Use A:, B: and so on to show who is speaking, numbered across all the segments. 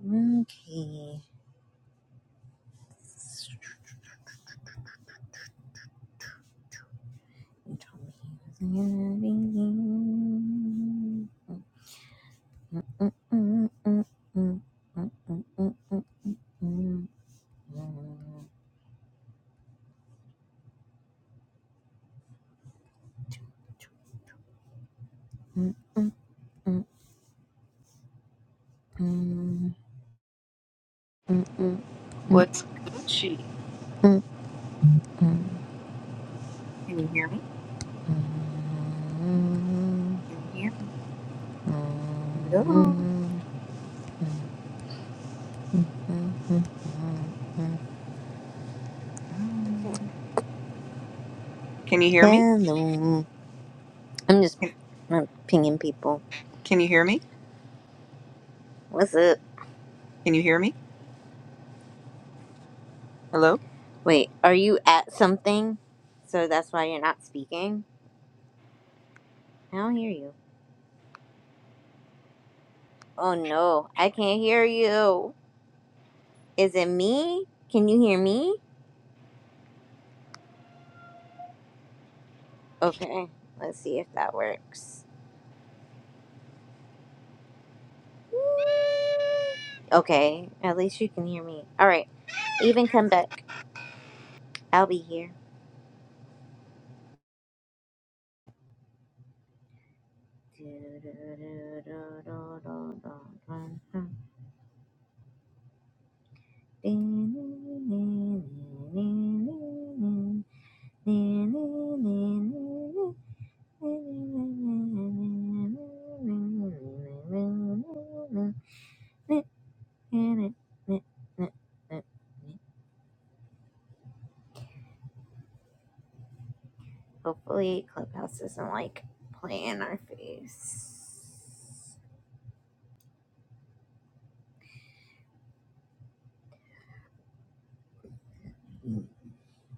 A: Okay. You told me he was gonna be you. Mm, mm, mm, mm, mm, mm, mm, mm, mm, mm, mm, mm, mm,
B: What's Gucci? Can you hear me? Can you hear me? Hello.
A: mm.
B: Mm. Can you hear me?
A: Hello. I'm just
B: Can,
A: I'm pinging people.
B: can you hear me?
A: What's up?
B: Can you hear me? Hello.
A: Wait, are you at something? So that's why you're not speaking? I don't hear you. Oh no, I can't hear you. Is it me? Can you hear me? Okay, let's see if that works. Mm, Okay, at least you can hear me. All right, even come back. I'll be here. Hopefully, Clubhouse doesn't like play in our face.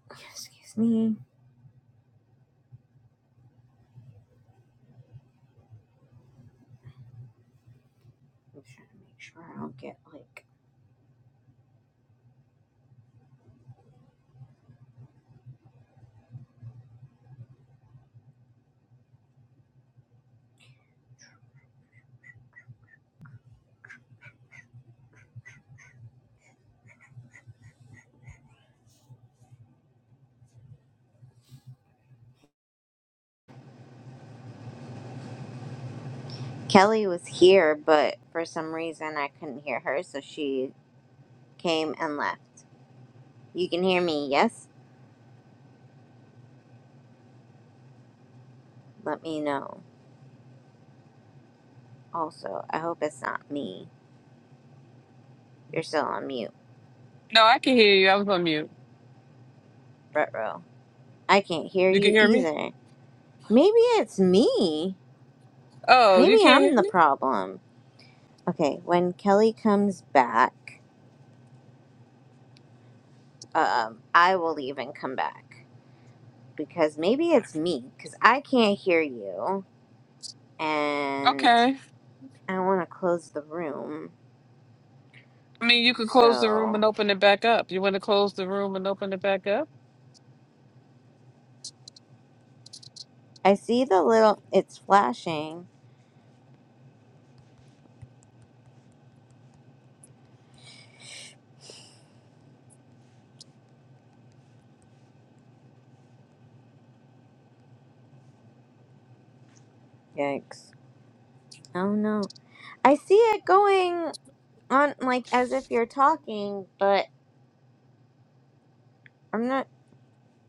A: Excuse me. I'm trying to make sure I don't get like. Kelly was here, but for some reason I couldn't hear her, so she came and left. You can hear me, yes? Let me know. Also, I hope it's not me. You're still on mute,
C: No, I can hear you. I was on mute.
A: Retro. I can't hear
C: You can
A: you
C: hear me?
A: either. Maybe it's me.
C: Oh, you
A: Maybe
C: can't hear
A: I'm the
C: me?
A: problem. Okay, when Kelly comes back. um, I will leave and come back because maybe it's me because I can't hear you and
C: Okay.
A: I want to close the room.
C: I mean, you could close the room
A: So
C: and open it back up. You want to close the room and open it back up?
A: I see the little, it's flashing. Yikes. Oh no. I see it going on like as if you're talking, but I'm not,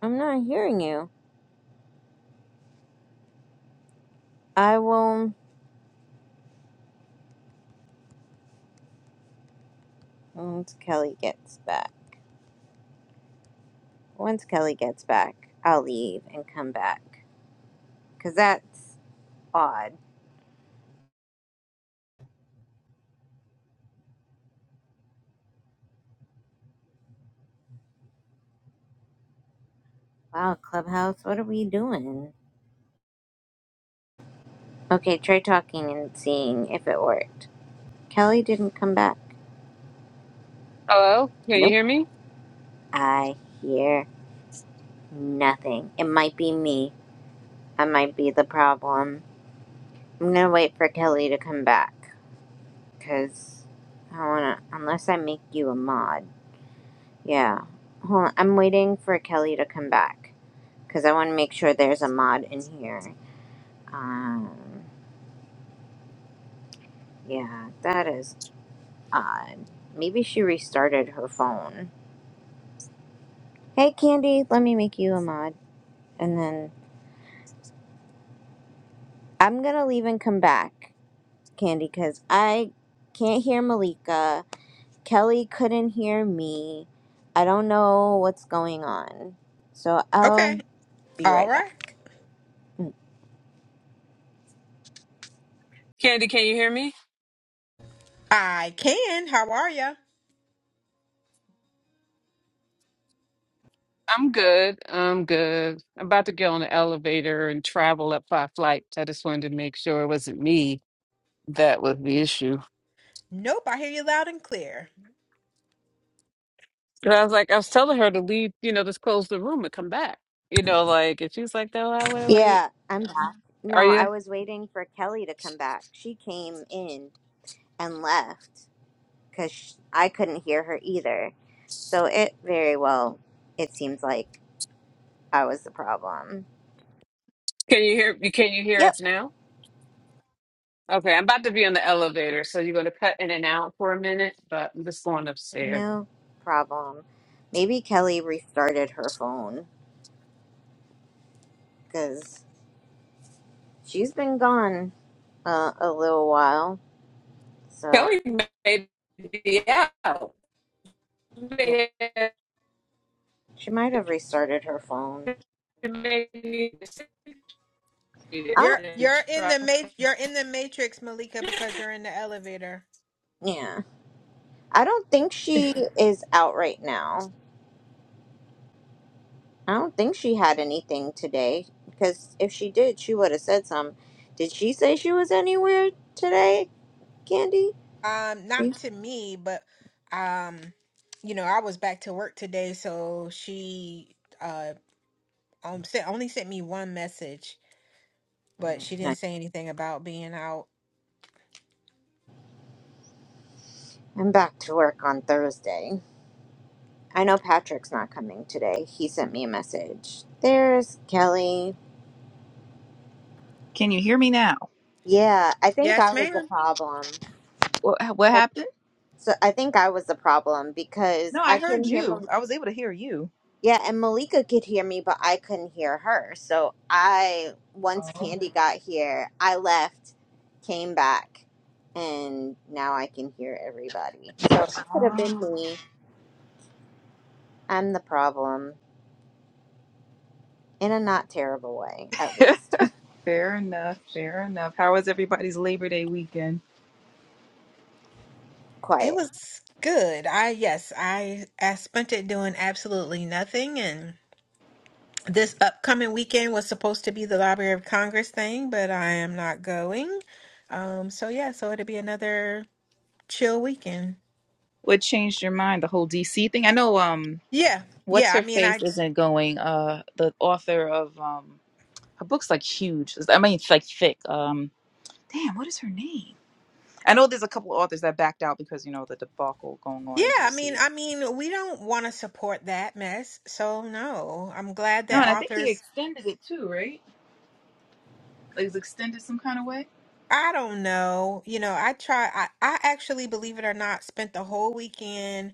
A: I'm not hearing you. I will, once Kelly gets back, once Kelly gets back, I'll leave and come back because that's odd Wow, Clubhouse, what are we doing? Okay, try talking and seeing if it worked. Kelly didn't come back.
C: Hello? Can you
A: Nope,
C: hear me?
A: I hear nothing. It might be me. I might be the problem. I'm gonna wait for Kelly to come back. Cause I wanna, unless I make you a mod. Yeah. Hold on, I'm waiting for Kelly to come back. Cause I wanna make sure there's a mod in here. Um, yeah, that is odd. Maybe she restarted her phone. Hey, Candy, let me make you a mod. And then I'm going to leave and come back, Candy, because I can't hear Malika. Kelly couldn't hear me. I don't know what's going on. So
D: Okay.
A: I'll be
D: All
A: right
D: right.
A: back.
C: Candy, can you hear me?
D: I can. How are you?
C: I'm good. I'm good. I'm about to get on the elevator and travel up five flights. I just wanted to make sure it wasn't me that was the issue.
D: Nope. I hear you loud and clear.
C: 'Cause I was like, I was telling her to leave, you know, just close the room and come back. You know, like, and she's like, no, I want to wait.
A: Yeah, I'm back.
C: Are
A: No, I
C: you?
A: was waiting for Kelly to come back. She came in and left because I couldn't hear her either. So it very well, it seems like I was the problem.
C: Can you hear? Can you hear
A: Yep.
C: us now? Okay, I'm about to be on the elevator, so you're going to cut in and out for a minute, but I'm just going upstairs.
A: No problem. Maybe Kelly restarted her phone because she's been gone uh, a little while, so
C: Kelly may be out. May
A: she might have restarted her phone.
C: may need to see
A: Oh,
D: You're
C: and
D: you're in
C: try.
D: the ma- you're in the matrix, Malika, because you're in the elevator.
A: yeah. I don't think she is out right now. I don't think she had anything today because if she did, she would have said some. Did she say she was anywhere today, Candy? She-
D: Um, not to me, but um, you know, I was back to work today, so she uh um, sent, only sent me one message, but
A: Mm,
D: she
A: No.
D: didn't say anything about being out.
A: I'm back to work on Thursday. I know Patrick's not coming today. He sent me a message. There's Kelly.
B: Can you hear me now?
A: Yeah, I think
D: Yes,
A: I was the
D: ma'am.
A: problem.
B: What What
A: Yes,
B: happened?
A: So I think I was the problem because
B: No, I
A: I
B: heard
A: couldn't hear
B: you.
A: Mal-
B: I was able to hear you.
A: Yeah, and Malika could hear me, but I couldn't hear her. So I once
B: Oh.
A: Candy got here, I left, came back, and now I can hear everybody. So it could have been
B: Ah.
A: me. I'm the problem in a not terrible way, at least.
B: Fair enough. Fair enough. How was everybody's Labor Day weekend?
D: It
A: Quiet.
D: was good. I yes, I I spent it doing absolutely nothing and. This upcoming weekend was supposed to be the Library of Congress thing, but I am not going. Um, so yeah, so it'll be another chill weekend.
B: What changed your mind? The whole DC thing. I know. Um.
D: Yeah.
B: What's
D: Yeah, I
B: her
D: mean
B: face
D: I
B: isn't going. Uh. The author of um. Her book's like huge. I mean, it's like thick. Um. Damn. What is her name? I know there's a couple authors that backed out because you know the debacle going
D: yeah,
B: on in
D: I mean
B: DC.
D: I mean we don't want to support that mess. So no. I'm glad
B: No,
D: that
B: and I think he
D: authors
B: extended it too, right? Like it's extended some kind of way.
D: I don't know. You know, I try I, I actually, believe it or not, spent the whole weekend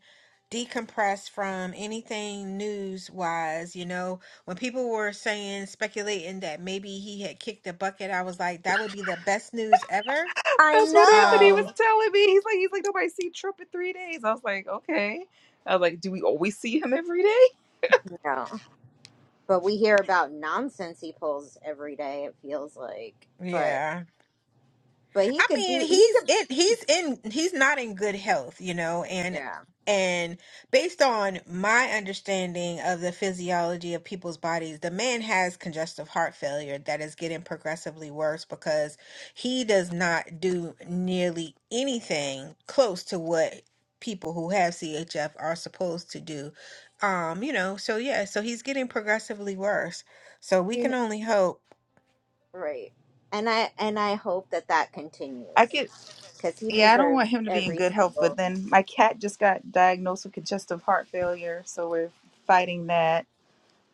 D: decompressed from anything news wise. You know, when people were saying, speculating that maybe he had kicked the bucket, I was like, that would be the best news ever.
A: I
B: That's what Anthony was
D: Um,
A: know.
B: telling me. He's like, he's like, nobody see Trump in three days. I was like, okay. I was like, do we always see him every day?
A: No. but we hear about nonsense he pulls every day it feels like but
D: yeah.
A: but he
D: I
A: could
D: mean,
A: do he
D: he's
A: could
D: in he's in he's not in good health, you know, and
A: yeah
D: and based on my understanding of the physiology of people's bodies, the man has congestive heart failure that is getting progressively worse because he does not do nearly anything close to what people who have CHF are supposed to do. Um, you know, so yeah, so he's getting progressively worse. So we
A: you
D: can
A: know
D: only hope.
A: right and i and i hope that that
B: I
A: continues
B: could,
A: because he
B: yeah, I don't want
A: deserves
B: him to be in
A: every
B: good health, but
A: single
B: then my cat just got diagnosed with congestive heart failure, so we're fighting that.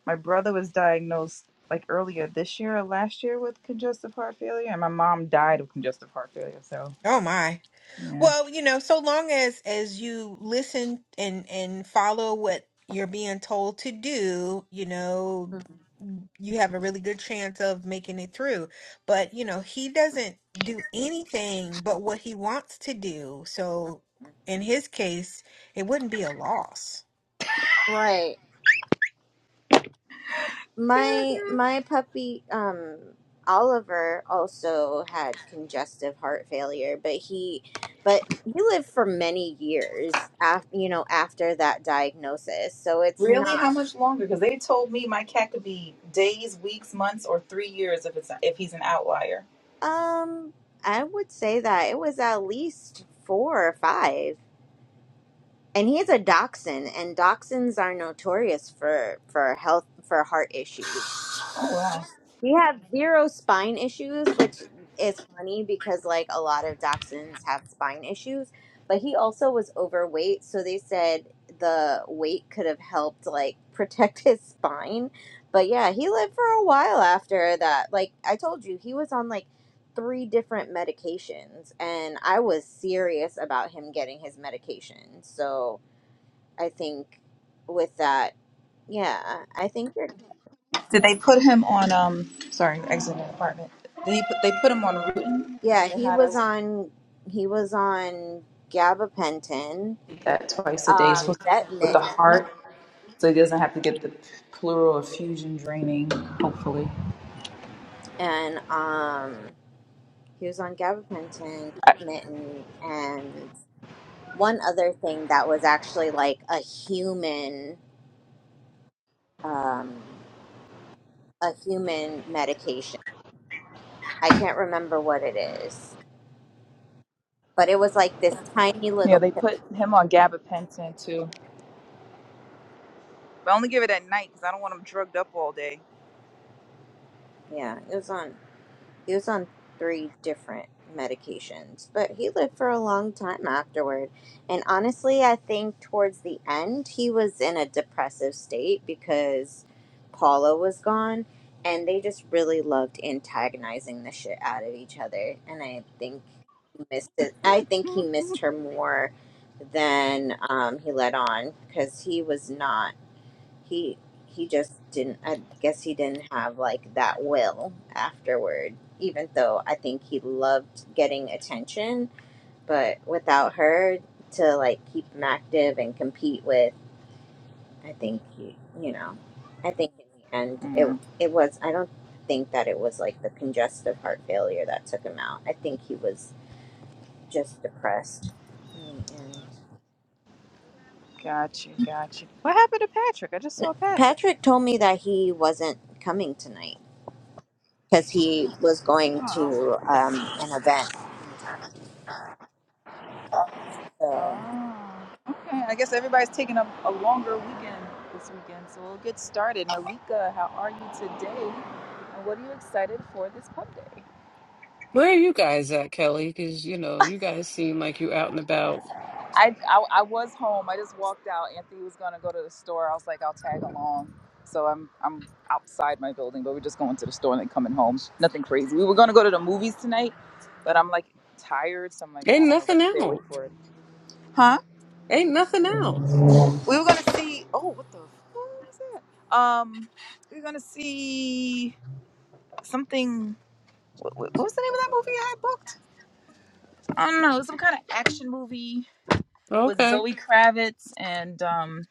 B: My brother was diagnosed like earlier this year or last year with congestive heart failure, and my mom died of congestive heart failure. So
D: Oh my.
B: yeah.
D: Well, you know, so long as as you listen and and follow what you're being told to do, you know,
A: Mhm.
D: you have a really good chance of making it through. But, you know, he doesn't do anything but what he wants to do. So in his case, it wouldn't be a loss.
A: right My
B: paragraph?
A: my puppy um Oliver also had congestive heart failure, but he but he lived for many years af, you know after that diagnosis. So it's
B: Really?
A: not
B: How much longer? Because they told me my cat could be days, weeks, months, or three years if it's if he's an outlier.
A: um I would say that it was at least 4 or 5. And he's a dachshund and dachshunds are notorious for for health for heart issues.
B: Oh wow!
A: We have zero spine issues, which is funny because like a lot of dachshunds have spine issues, but he also was overweight, so they said the weight could have helped like protect his spine. But yeah, he lived for a while after that. Like I told you, he was on like three different medications and I was serious about him getting his medication. So, I think with that, yeah, I think you're
B: Did they put him on? Um, sorry, exiting the apartment. They put they put him on Rutin.
A: Yeah,
B: They
A: he
B: had us
A: was on he was on gabapentin,
B: feed that twice a day It's
A: um,
B: supposed to help with the
A: vetmint,
B: heart, so he doesn't have to get the pleural effusion draining. Hopefully.
A: and um, he was on gabapentin, mitten, and one other thing that was actually like a human, um, a human medication. I can't remember what it is, but it was like this tiny
B: Yeah,
A: little.
B: they put him on gabapentin too. But I only give it at night because I don't want him drugged up all day.
A: Yeah, it was on. He was on three different medications, but he lived for a long time afterward. And honestly, I think towards the end, he was in a depressive state because Paula was gone, and they just really loved antagonizing the shit out of each other. And I think he missed it. I think he missed her more than um, he let on because he was not he he just didn't i guess he didn't have like that will afterward even though i think he loved getting attention but without her to like keep him active and compete with i think he you know i think in the end it
B: Mm,
A: it was i don't think that it was like the congestive heart failure that took him out i think he was just depressed in the end
B: got you, got you. What happened to Patrick? I just saw Patrick.
A: patrick told me that he wasn't coming tonight because he was going
B: Wow.
A: to um, an event. So
B: Oh. Okay. I guess everybody's taking a, a longer weekend this weekend, so we'll get started. Malika, how are you today? And what are you excited for this pub day?
C: Where are you guys at, Kelly? Because, you know, you guys seem like you out and about.
B: I, I, I was home. I just walked out. Anthony was gonna go to the store. I was like, I'll tag along. So I'm I'm outside my building, but we're just going to the store and then coming home. Nothing crazy. We were gonna go to the movies tonight, but I'm like tired, so I'm like,
C: Ain't
B: I don't know if I
C: nothing
B: can stay awake
C: out.
B: for it. Huh?
C: Ain't nothing out.
B: We were gonna see. Oh, what the? fuck was that? Um, we were gonna see something. What, what what was the name of that movie I had booked? I don't know. It was some kind of action movie with
C: Okay.
B: Zoe Kravitz and um.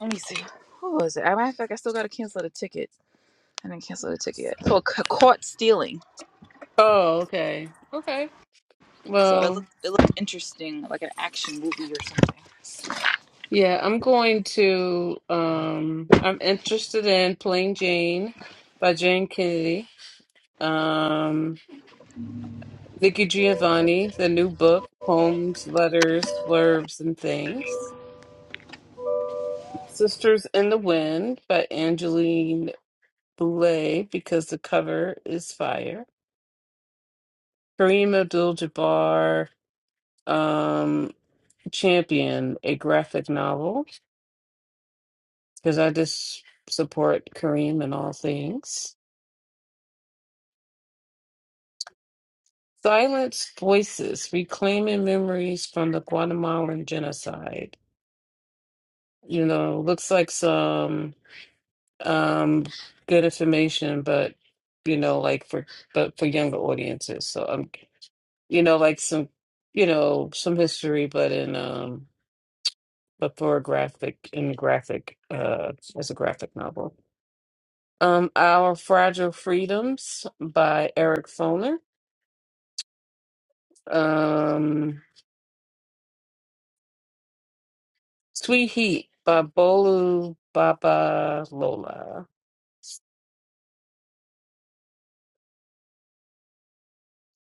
B: Let me see. Who was it? I matter of fact, I still gotta cancel the ticket. I didn't cancel the ticket yet. Called Ca- Caught Stealing.
C: Oh, okay. Okay.
B: So it
C: Well,
B: looked it looked interesting, like an action movie or something.
C: yeah, I'm going to, um, I'm interested in Plain Jane by Jane Kennedy. Um, Vicky Giovanni, the new book, poems, letters, blurbs, and things. Sisters in the Wind by Angeline Boulay, because the cover is fire. Kareem Abdul-Jabbar, um, Champion, a graphic novel, because I just support Kareem in all things. Silence Voices, Reclaiming Memories from the Guatemalan Genocide. You know, looks like some um good information but you know like for but for younger audiences so um you know like some you know some history but in um but for a graphic in graphic uh as a graphic novel um Our Fragile Freedoms by Eric Foner um Sweet Heat by Bolu Baba Lola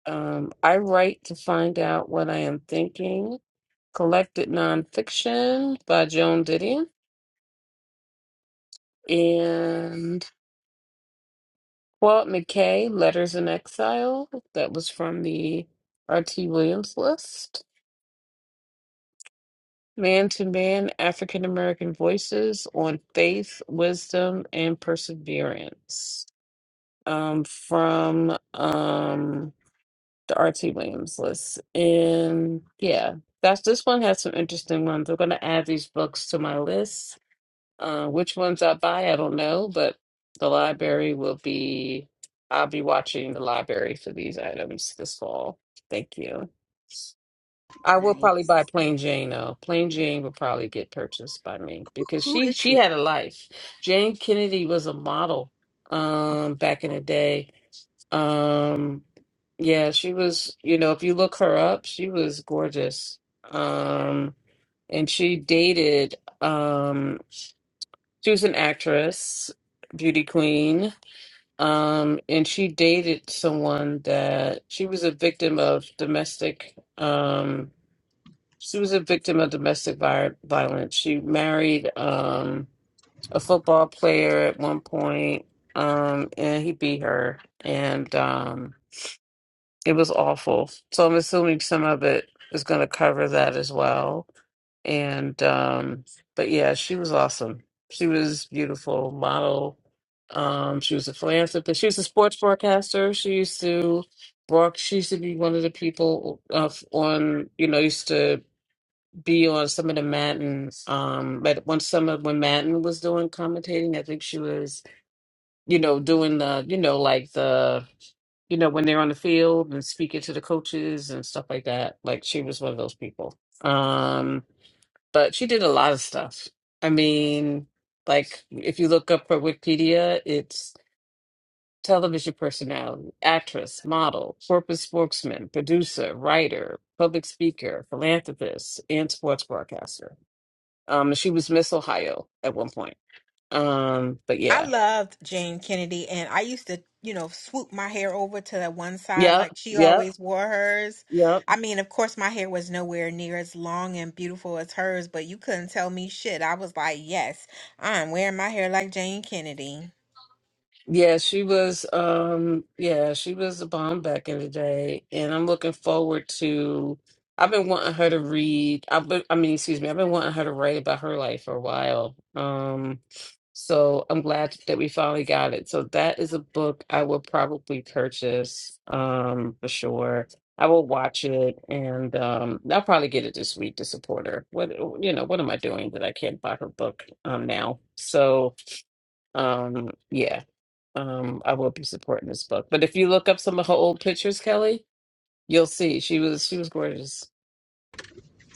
C: um I write to find out what I am thinking Collected Nonfiction by Joan Didion. And Claude McKay, Letters in Exile. That was from the R.T. Williams list. Man to Man, African American Voices on Faith, Wisdom, and Perseverance. Um, from um, the R.T. Williams list. And yeah, that's this one has some interesting ones. I'm going to add these books to my list Uh, which ones I buy, I don't know, but the library will be, I'll be watching the library for these items this fall. Thank you. I will probably
B: Nice.
C: buy Plain Jane though. Plain Jane will probably get purchased by me because
B: Who
C: she
B: is
C: she
B: she?
C: had a life. Jane Kennedy was a model um back in the day. Um yeah, she was, you know, if you look her up, she was gorgeous. Um and she dated um she was an actress, beauty queen, um, and she dated someone that she was a victim of domestic. Um, she was a victim of domestic vi- violence. She married um, a football player at one point, um, and he beat her, and um, it was awful. So I'm assuming some of it is going to cover that as well and um but yeah she was awesome she was beautiful model um she was a philanthropist she was a sports broadcaster she used to broad she used to be one of the people uh, on you know used to be on some of the Madden um but once some of when Madden was doing commentating I think she was you know doing the you know like the you know when they're on the field and speaking to the coaches and stuff like that like she was one of those people Um, but she did a lot of stuff. I mean, like if you look up her Wikipedia, it's television personality, actress, model, corporate spokesman, producer, writer, public speaker, philanthropist, and sports broadcaster. Um, she was Miss Ohio at one point. Um, but
D: I
C: yeah,
D: loved Jane Kennedy, and I used to, you know, swoop my hair over to that one side
C: yeah,
D: like she
C: yeah,
D: always wore hers.
C: yeah.
D: I mean, of course, my hair was nowhere near as long and beautiful as hers, but you couldn't tell me shit. I was like, yes, I'm wearing my hair like Jane Kennedy.
C: Yeah, she was um yeah, she was a bomb back in the day and I'm looking forward to I've been wanting her to read I've been, I mean excuse me, I've been wanting her to write about her life for a while. Um so I'm glad that we finally got it. So that is a book I will probably purchase um for sure. I will watch it and um I'll probably get it this week to support her. What you know, what am I doing that I can't buy her book um now? So um yeah um, I will be supporting this book. But if you look up some of her old pictures, Kelly, you'll see she was she was gorgeous.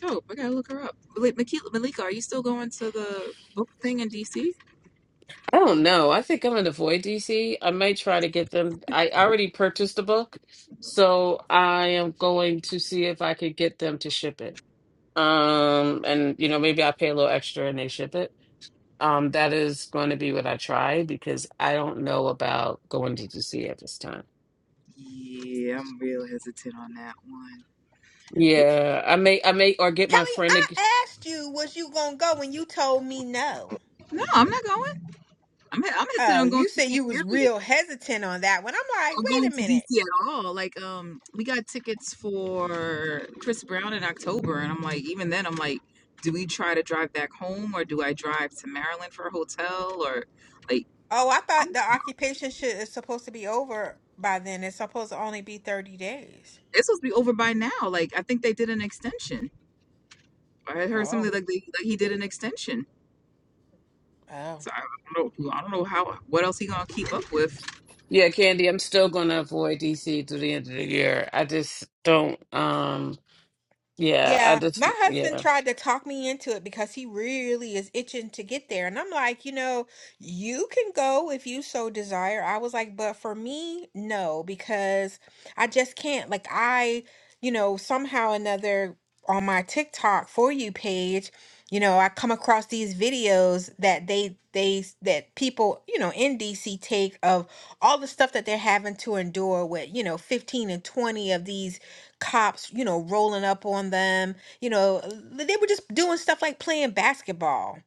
B: Dope. I gotta look her up. Wait, Malika, Malika, are you still going to the book thing in DC?
C: I don't know. I think I'm gonna avoid DC. I might try to get them. I already purchased the book, so I am going to see if I could get them to ship it. Um, and you know maybe I pay a little extra and they ship it. Um, that is going to be what I try because I don't know about going to DC at this time.
B: Yeah, I'm real hesitant on that one. Okay.
C: Yeah, I may, I may, or get my
D: Kelly,
C: friend. to
D: I asked you, was you gonna go, and you told me no.
B: No, I'm not going. I'm I'm hesitant
D: Oh,
B: on going
D: you
B: to
D: said
B: see
D: you
B: Mary
D: was real hesitant on that one. I'm like,
B: or going
D: wait a
B: to
D: minute.
B: DC at all. Like, um, we got tickets for Chris Brown in October, and I'm like, even then, I'm like, do we try to drive back home or do I drive to Maryland for a hotel or like?
D: Oh, I thought
B: I'm,
D: the occupation shit is supposed to be over by then. It's supposed to only be 30 days.
B: it's supposed to be over by now. Like, I think they did an extension. I heard
D: Oh.
B: something like, they, like he did an extension.
D: Oh.
B: So I don't know. I don't know how what else he gonna keep up with.
C: Yeah, Candy, I'm still going to avoid DC to the end of the year. I just don't. Um, yeah, I
D: Yeah,
C: just
D: my husband
C: yeah.
D: tried to talk me into it because he really is itching to get there. And I'm like, you know, you can go if you so desire. I was like, but for me, no, because I just can't. Like, I, you know, somehow or another on my TikTok for you page, you know, I come across these videos that they, they, that people, you know, in DC take of all the stuff that they're having to endure with, you know, 15 and 20 of these cops, you know, rolling up on them. You know, uh, they were just doing stuff like playing basketball.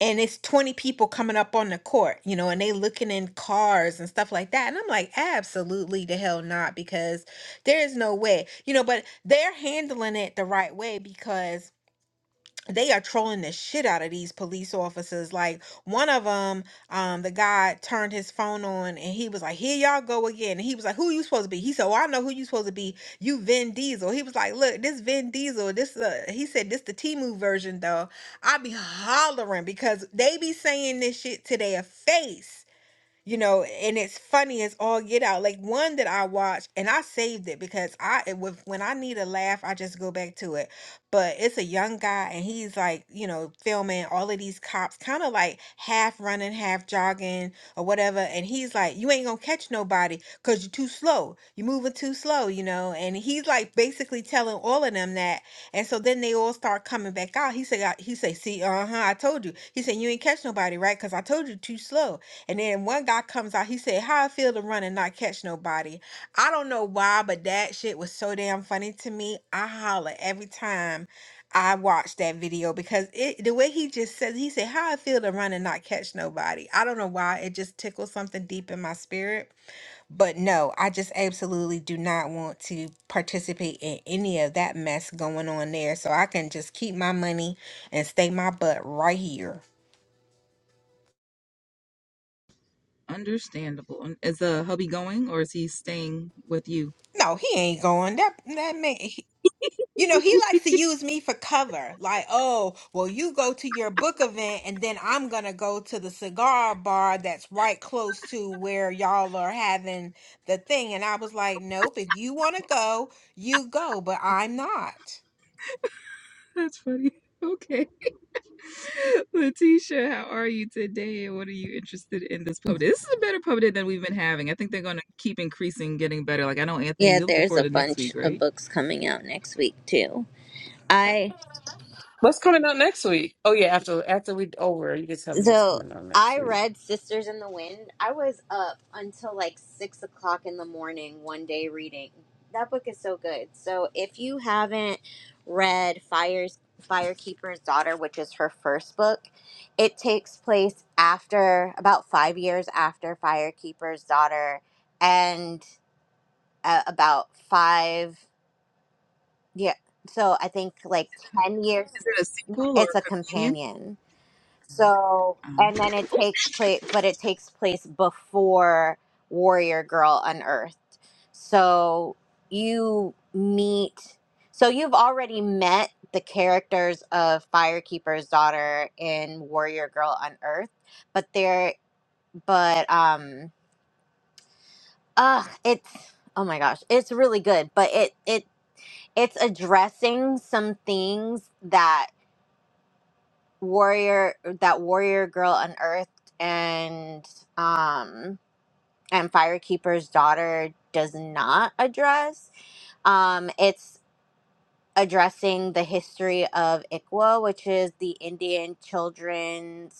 D: And it's 20 people coming up on the court, you know, and they looking in cars and stuff like that. And I'm like, absolutely the hell not, because there is no way, you know, but they're handling it the right way because they are trolling the shit out of these police officers. Like one of them, um, the guy turned his phone on and he was like, "Here y'all go again." And he was like, "Who you supposed to be?" He said, "Well, I know who you supposed to be. You Vin Diesel." He was like, "Look, this Vin Diesel. This uh," he said, "This the Timu version though." I be hollering because they be saying this shit to their face you know and it's funny as all get out like one that i watched and i saved it because i it was when i need a laugh i just go back to it but it's a young guy and he's like you know filming all of these cops kind of like half running half jogging or whatever and he's like you ain't gonna catch nobody because you're too slow you're moving too slow you know and he's like basically telling all of them that and so then they all start coming back out he said I- he said see uh-huh i told you he said you ain't catch nobody right because i told you too slow and then one guy comes out, he said, How I feel to run and not catch nobody. I don't know why, but that shit was so damn funny to me. I holler every time I watch that video because it the way he just says he said, How I feel to run and not catch nobody. I don't know why. It just tickles something deep in my spirit. But no, I just absolutely do not want to participate in any of that mess going on there. So I can just keep my money and stay my butt right here.
B: Understandable. And Is the hubby going or is he staying with you?
D: No, he ain't going. That that man. You know, he likes to use me for cover. Like, oh, well, you go to your book event, and then I'm going to go to the cigar bar that's right close to where y'all are having the thing. And I was like, nope, if you want to go, you go, but I'm not.
B: That's funny. Okay. Letitia, how are you today? And What are you interested in this pub? day? This is a better pub day than we've been having. I think they're going to keep increasing, getting better. Like, I know, Anthony,
A: yeah,
B: you're looking
A: there's
B: forward
A: a
B: to next
A: bunch
B: week,
A: of
B: right?
A: books coming out next week too. I
C: What's coming out next week? Oh yeah, after after we over, you can tell me what's
A: so
C: coming out next
A: I
C: week.
A: read Sisters in the Wind. I was up until like six o'clock in the morning one day reading. That book is so good. So if you haven't read Fire's Firekeeper's Daughter, which is her first book, it takes place after about five years after Firekeeper's Daughter and uh, about five yeah so i think like 10 years
B: Is it a
A: yeah,
B: sequel or
A: it's a
B: a companion?
A: companion so and then it takes place but it takes place before warrior girl unearthed so you meet so you've already met the characters of firekeeper's daughter in warrior girl unearthed but they're but um ugh it's oh my gosh it's really good but it it it's addressing some things that warrior that warrior girl unearthed and um and firekeeper's daughter does not address um it's addressing the history of ikwa which is the indian children's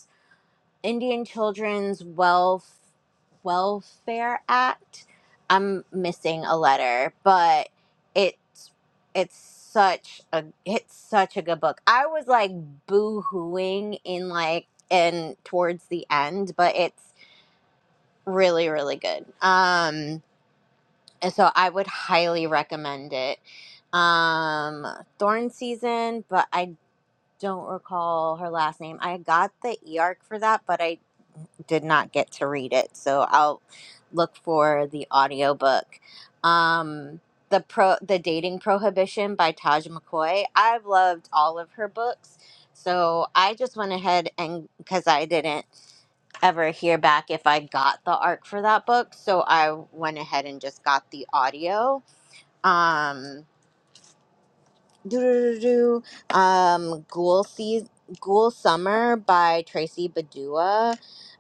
A: Indian Children's Welf Welfare Act. I'm missing a letter, but it's it's such a it's such a good book. I was like boo-hooing in like and towards the end, but it's really really good. Um and so I would highly recommend it. Um Thorn Season, but I don't recall her last name. I got the EARC for that, but I did not get to read it, so I'll look for the audiobook. Um, the pro the dating prohibition by Taj McCoy. I've loved all of her books, so I just went ahead and because I didn't ever hear back if I got the arc for that book, so I went ahead and just got the audio. Um, do do do do. Um, Ghoul Sea Ghoul Summer by Tracy Badua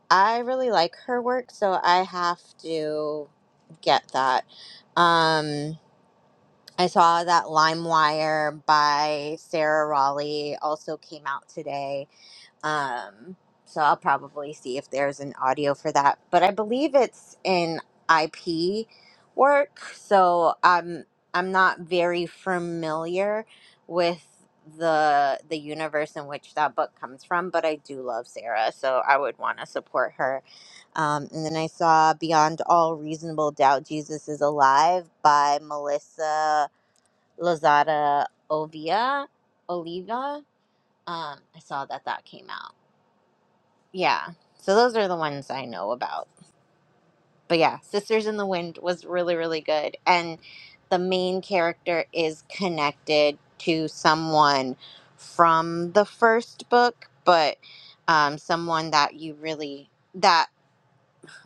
A: I really like her work, so I have to get that. Um, I saw that LimeWire by Sarah Raleigh also came out today. Um, so I'll probably see if there's an audio for that. But I believe it's in IP work, so I'm I'm not very familiar with the the universe in which that book comes from, but I do love Sarah, so I would want to support her um, and then I saw Beyond All Reasonable Doubt Jesus is Alive by Melissa Lozada Ovia, Oliva. Um, I saw that that came out. Yeah. So those are the ones I know about. But yeah, Sisters in the Wind was really, really good. And the main character is connected to someone from the first book, but um, someone that you really, that.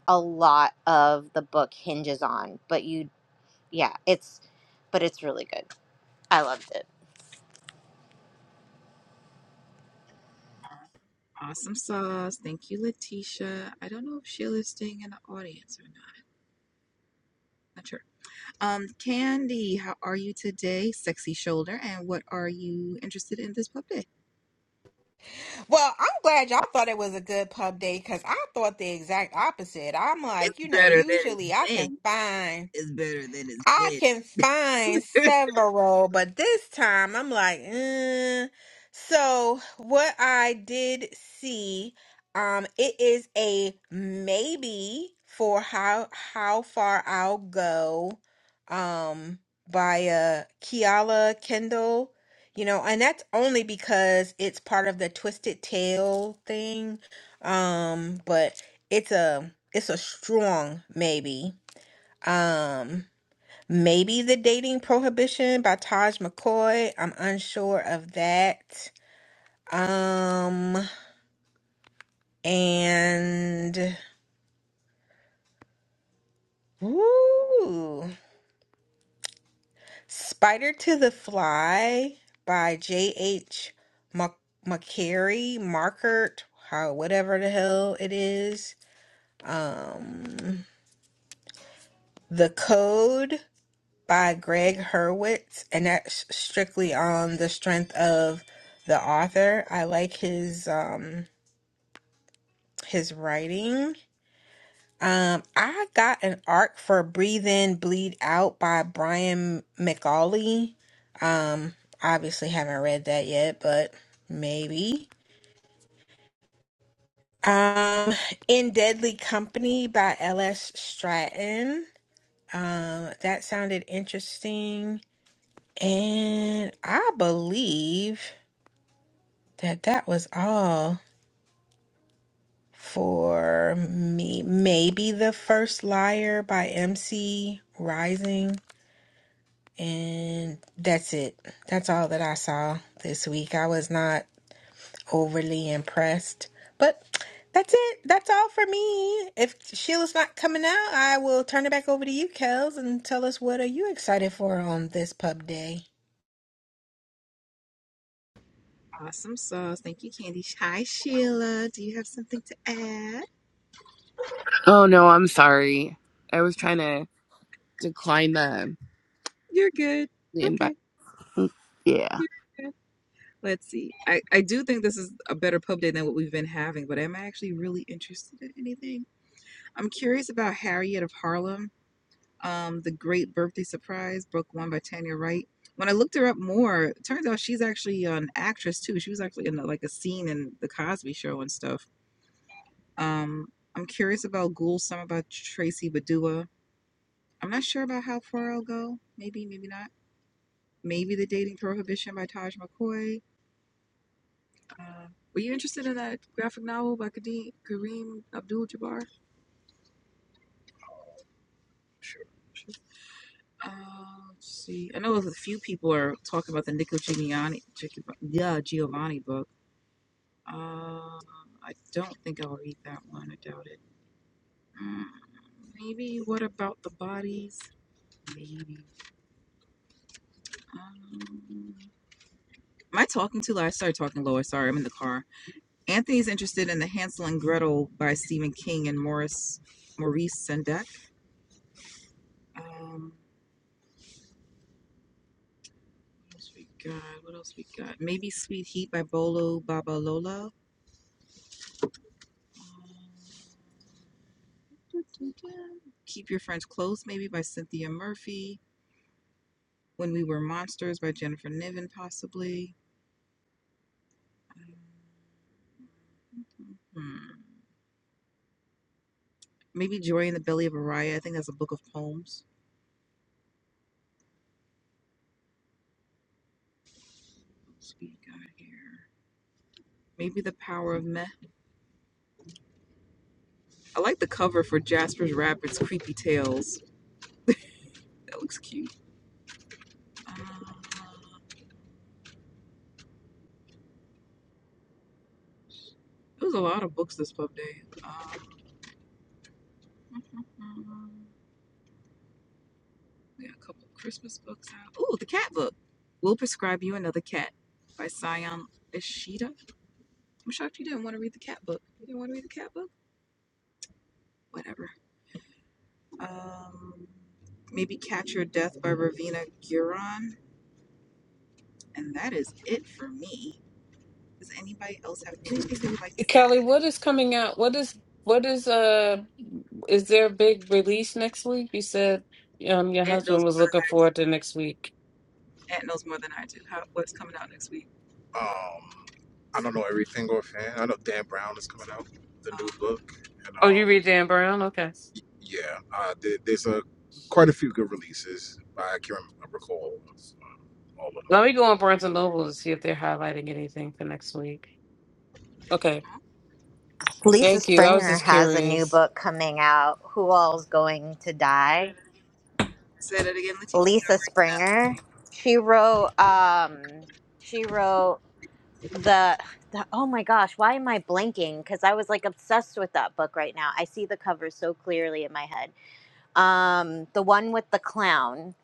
A: a lot of the book hinges on. But you, yeah, it's, but it's really good. I loved it.
B: Awesome sauce. Thank you, Letitia. I don't know if Sheila's staying in the audience or not. Not sure. Um, Candy, how are you today, sexy shoulder? And what are you interested in this pub day?
D: Well, I'm glad y'all thought it was a good pub day because I thought the exact opposite. I'm like,
B: It's
D: you know,
B: better than it's
D: usually I can
B: been.
D: find.
B: It's better than
D: I
B: it's
D: can find
B: been.
D: several, but this time I'm like, mm. so what I did see, um, it is a maybe for how how far I'll go, um, by uh Kiala Kendall, you know, and that's only because it's part of the Twisted Tail thing, um, but it's a it's a strong maybe, um. Maybe The Dating Prohibition by Taj McCoy. I'm unsure of that. Um, and ooh, Spider to the Fly by J.H. Mc- McCary, Markert, how whatever the hell it is. Um, The Code by Greg Hurwitz, and that's strictly on the strength of the author. I like his. Um, his writing. Um, I got an arc for Breathe In, Bleed Out by Brian McAuley. Um, obviously haven't read that yet, but maybe. Um, In Deadly Company by L.S. Stratton. Um, that sounded interesting. And I believe that that was all for me. Maybe The First Liar by MC Rising. And that's it. That's all that I saw this week. I was not overly impressed, but that's it. That's all for me. If Sheila's not coming out, I will turn it back over to you, Kels, and tell us what are you excited for on this pub day.
B: Awesome sauce. Thank you, Candy. Hi, Sheila. Do you have something to add?
E: Oh no, I'm sorry. I was trying to decline the
B: You're good.
E: the invite.
B: Okay.
E: Mm, Yeah.
B: You're good. Let's see. I, I do think this is a better pub day than what we've been having, but am I actually really interested in anything? I'm curious about Harriet of Harlem, um, The Great Birthday Surprise, book one by Tanya Wright. When I looked her up more, it turns out she's actually an actress too. She was actually in like a scene in The Cosby Show and stuff. Um, I'm curious about Ghoul, some about Tracy Badua. I'm not sure about how far I'll go. Maybe, maybe not. Maybe The Dating Prohibition by Taj McCoy. Uh, were you interested in that graphic novel by Kadeem, Kareem Abdul Jabbar? Sure. Um, let's see. I know a few people are talking about the Nico Giovanni, yeah, Giovanni book. Um, I don't think I'll read that one. I doubt it. Mm, maybe What About the Bodies? Maybe. Um, am I talking too loud? I started talking lower. Sorry, I'm in the car. Anthony's interested in the Hansel and Gretel by Stephen King and Maurice Maurice Sendak. Um, what else we got? What else we got? Maybe Sweet Heat by Bolo Babalolo. Um, Keep Your Friends Close, maybe by Cynthia Murphy. When We Were Monsters by Jennifer Niven, possibly. Hmm. Maybe Joy in the Belly of Araya. I think that's a book of poems. Let's see here. Maybe The Power of Meh. I like the cover for Jasper's Rabbit's Creepy Tales. That looks cute. Uh, there was a lot of books this pub day. Uh, mm, mm, mm, mm. We got a couple Christmas books out. Ooh, the cat book. We'll prescribe you another cat by Sion Ishida. I'm shocked you didn't want to read the cat book. You didn't want to read the cat book? Whatever. Um, maybe Catch Your Death by Ravina Guron. And that is it for me. Does anybody else have anything they would like to add?
C: Kelly, what is coming out? What is what is uh? Is there a big release next week? You said um your
B: Ed
C: husband
B: knows,
C: was looking forward to next week.
B: Ed knows more than I do. How, what's coming out next week? Um, I don't know everything offhand. I know Dan Brown is coming out with a Oh, new Um, book, and
C: Oh, you
B: um,
C: read Dan Brown? Okay.
B: Yeah, uh, there, there's a quite a few good releases. I can't remember, recall all of them.
C: Let me go on Barnes and Noble to see if they're highlighting anything for next week. Okay.
B: Oh,
A: Lisa
C: Thank you. I was
A: Springer
C: just
A: has a new
C: curious.
A: book coming out. Who all's going to die?
B: Say that again, Letitia. You were
A: Lisa
B: bringing up
A: Springer. She wrote, um, she wrote the, the oh my gosh, why am I blanking? Because I was like obsessed with that book right now. I see the cover so clearly in my head. Um, the one with the clown.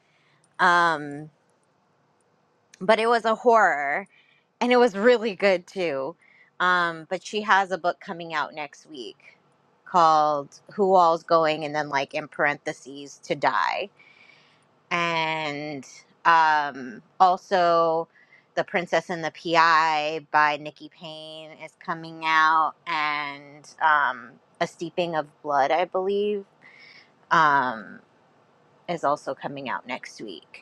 A: Um, but it was a horror and it was really good too. Um, but she has a book coming out next week called "Who All's Going," and then like in parentheses to die, and um, also "The Princess and the PI" by Nikki Payne is coming out, and um, "A Steeping of Blood," I believe, um, is also coming out next week.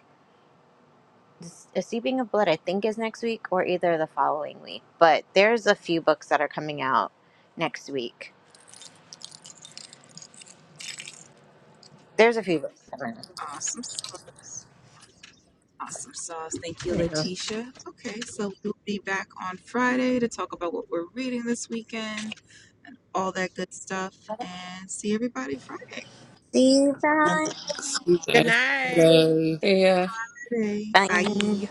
A: The Seeping of Blood, I think, is next week or either the following week. But there's a few books that are coming out next week. There's a few books that are
B: awesome sauce. Awesome sauce. Thank you,
A: coming out.
B: Letitia. Okay, so we'll be back on Friday to talk about what we're reading this weekend and all that good stuff. And see everybody
A: See
E: Excuse
D: Good night.
E: guys.
C: Yeah.
B: Friday.
A: that?
B: Bye.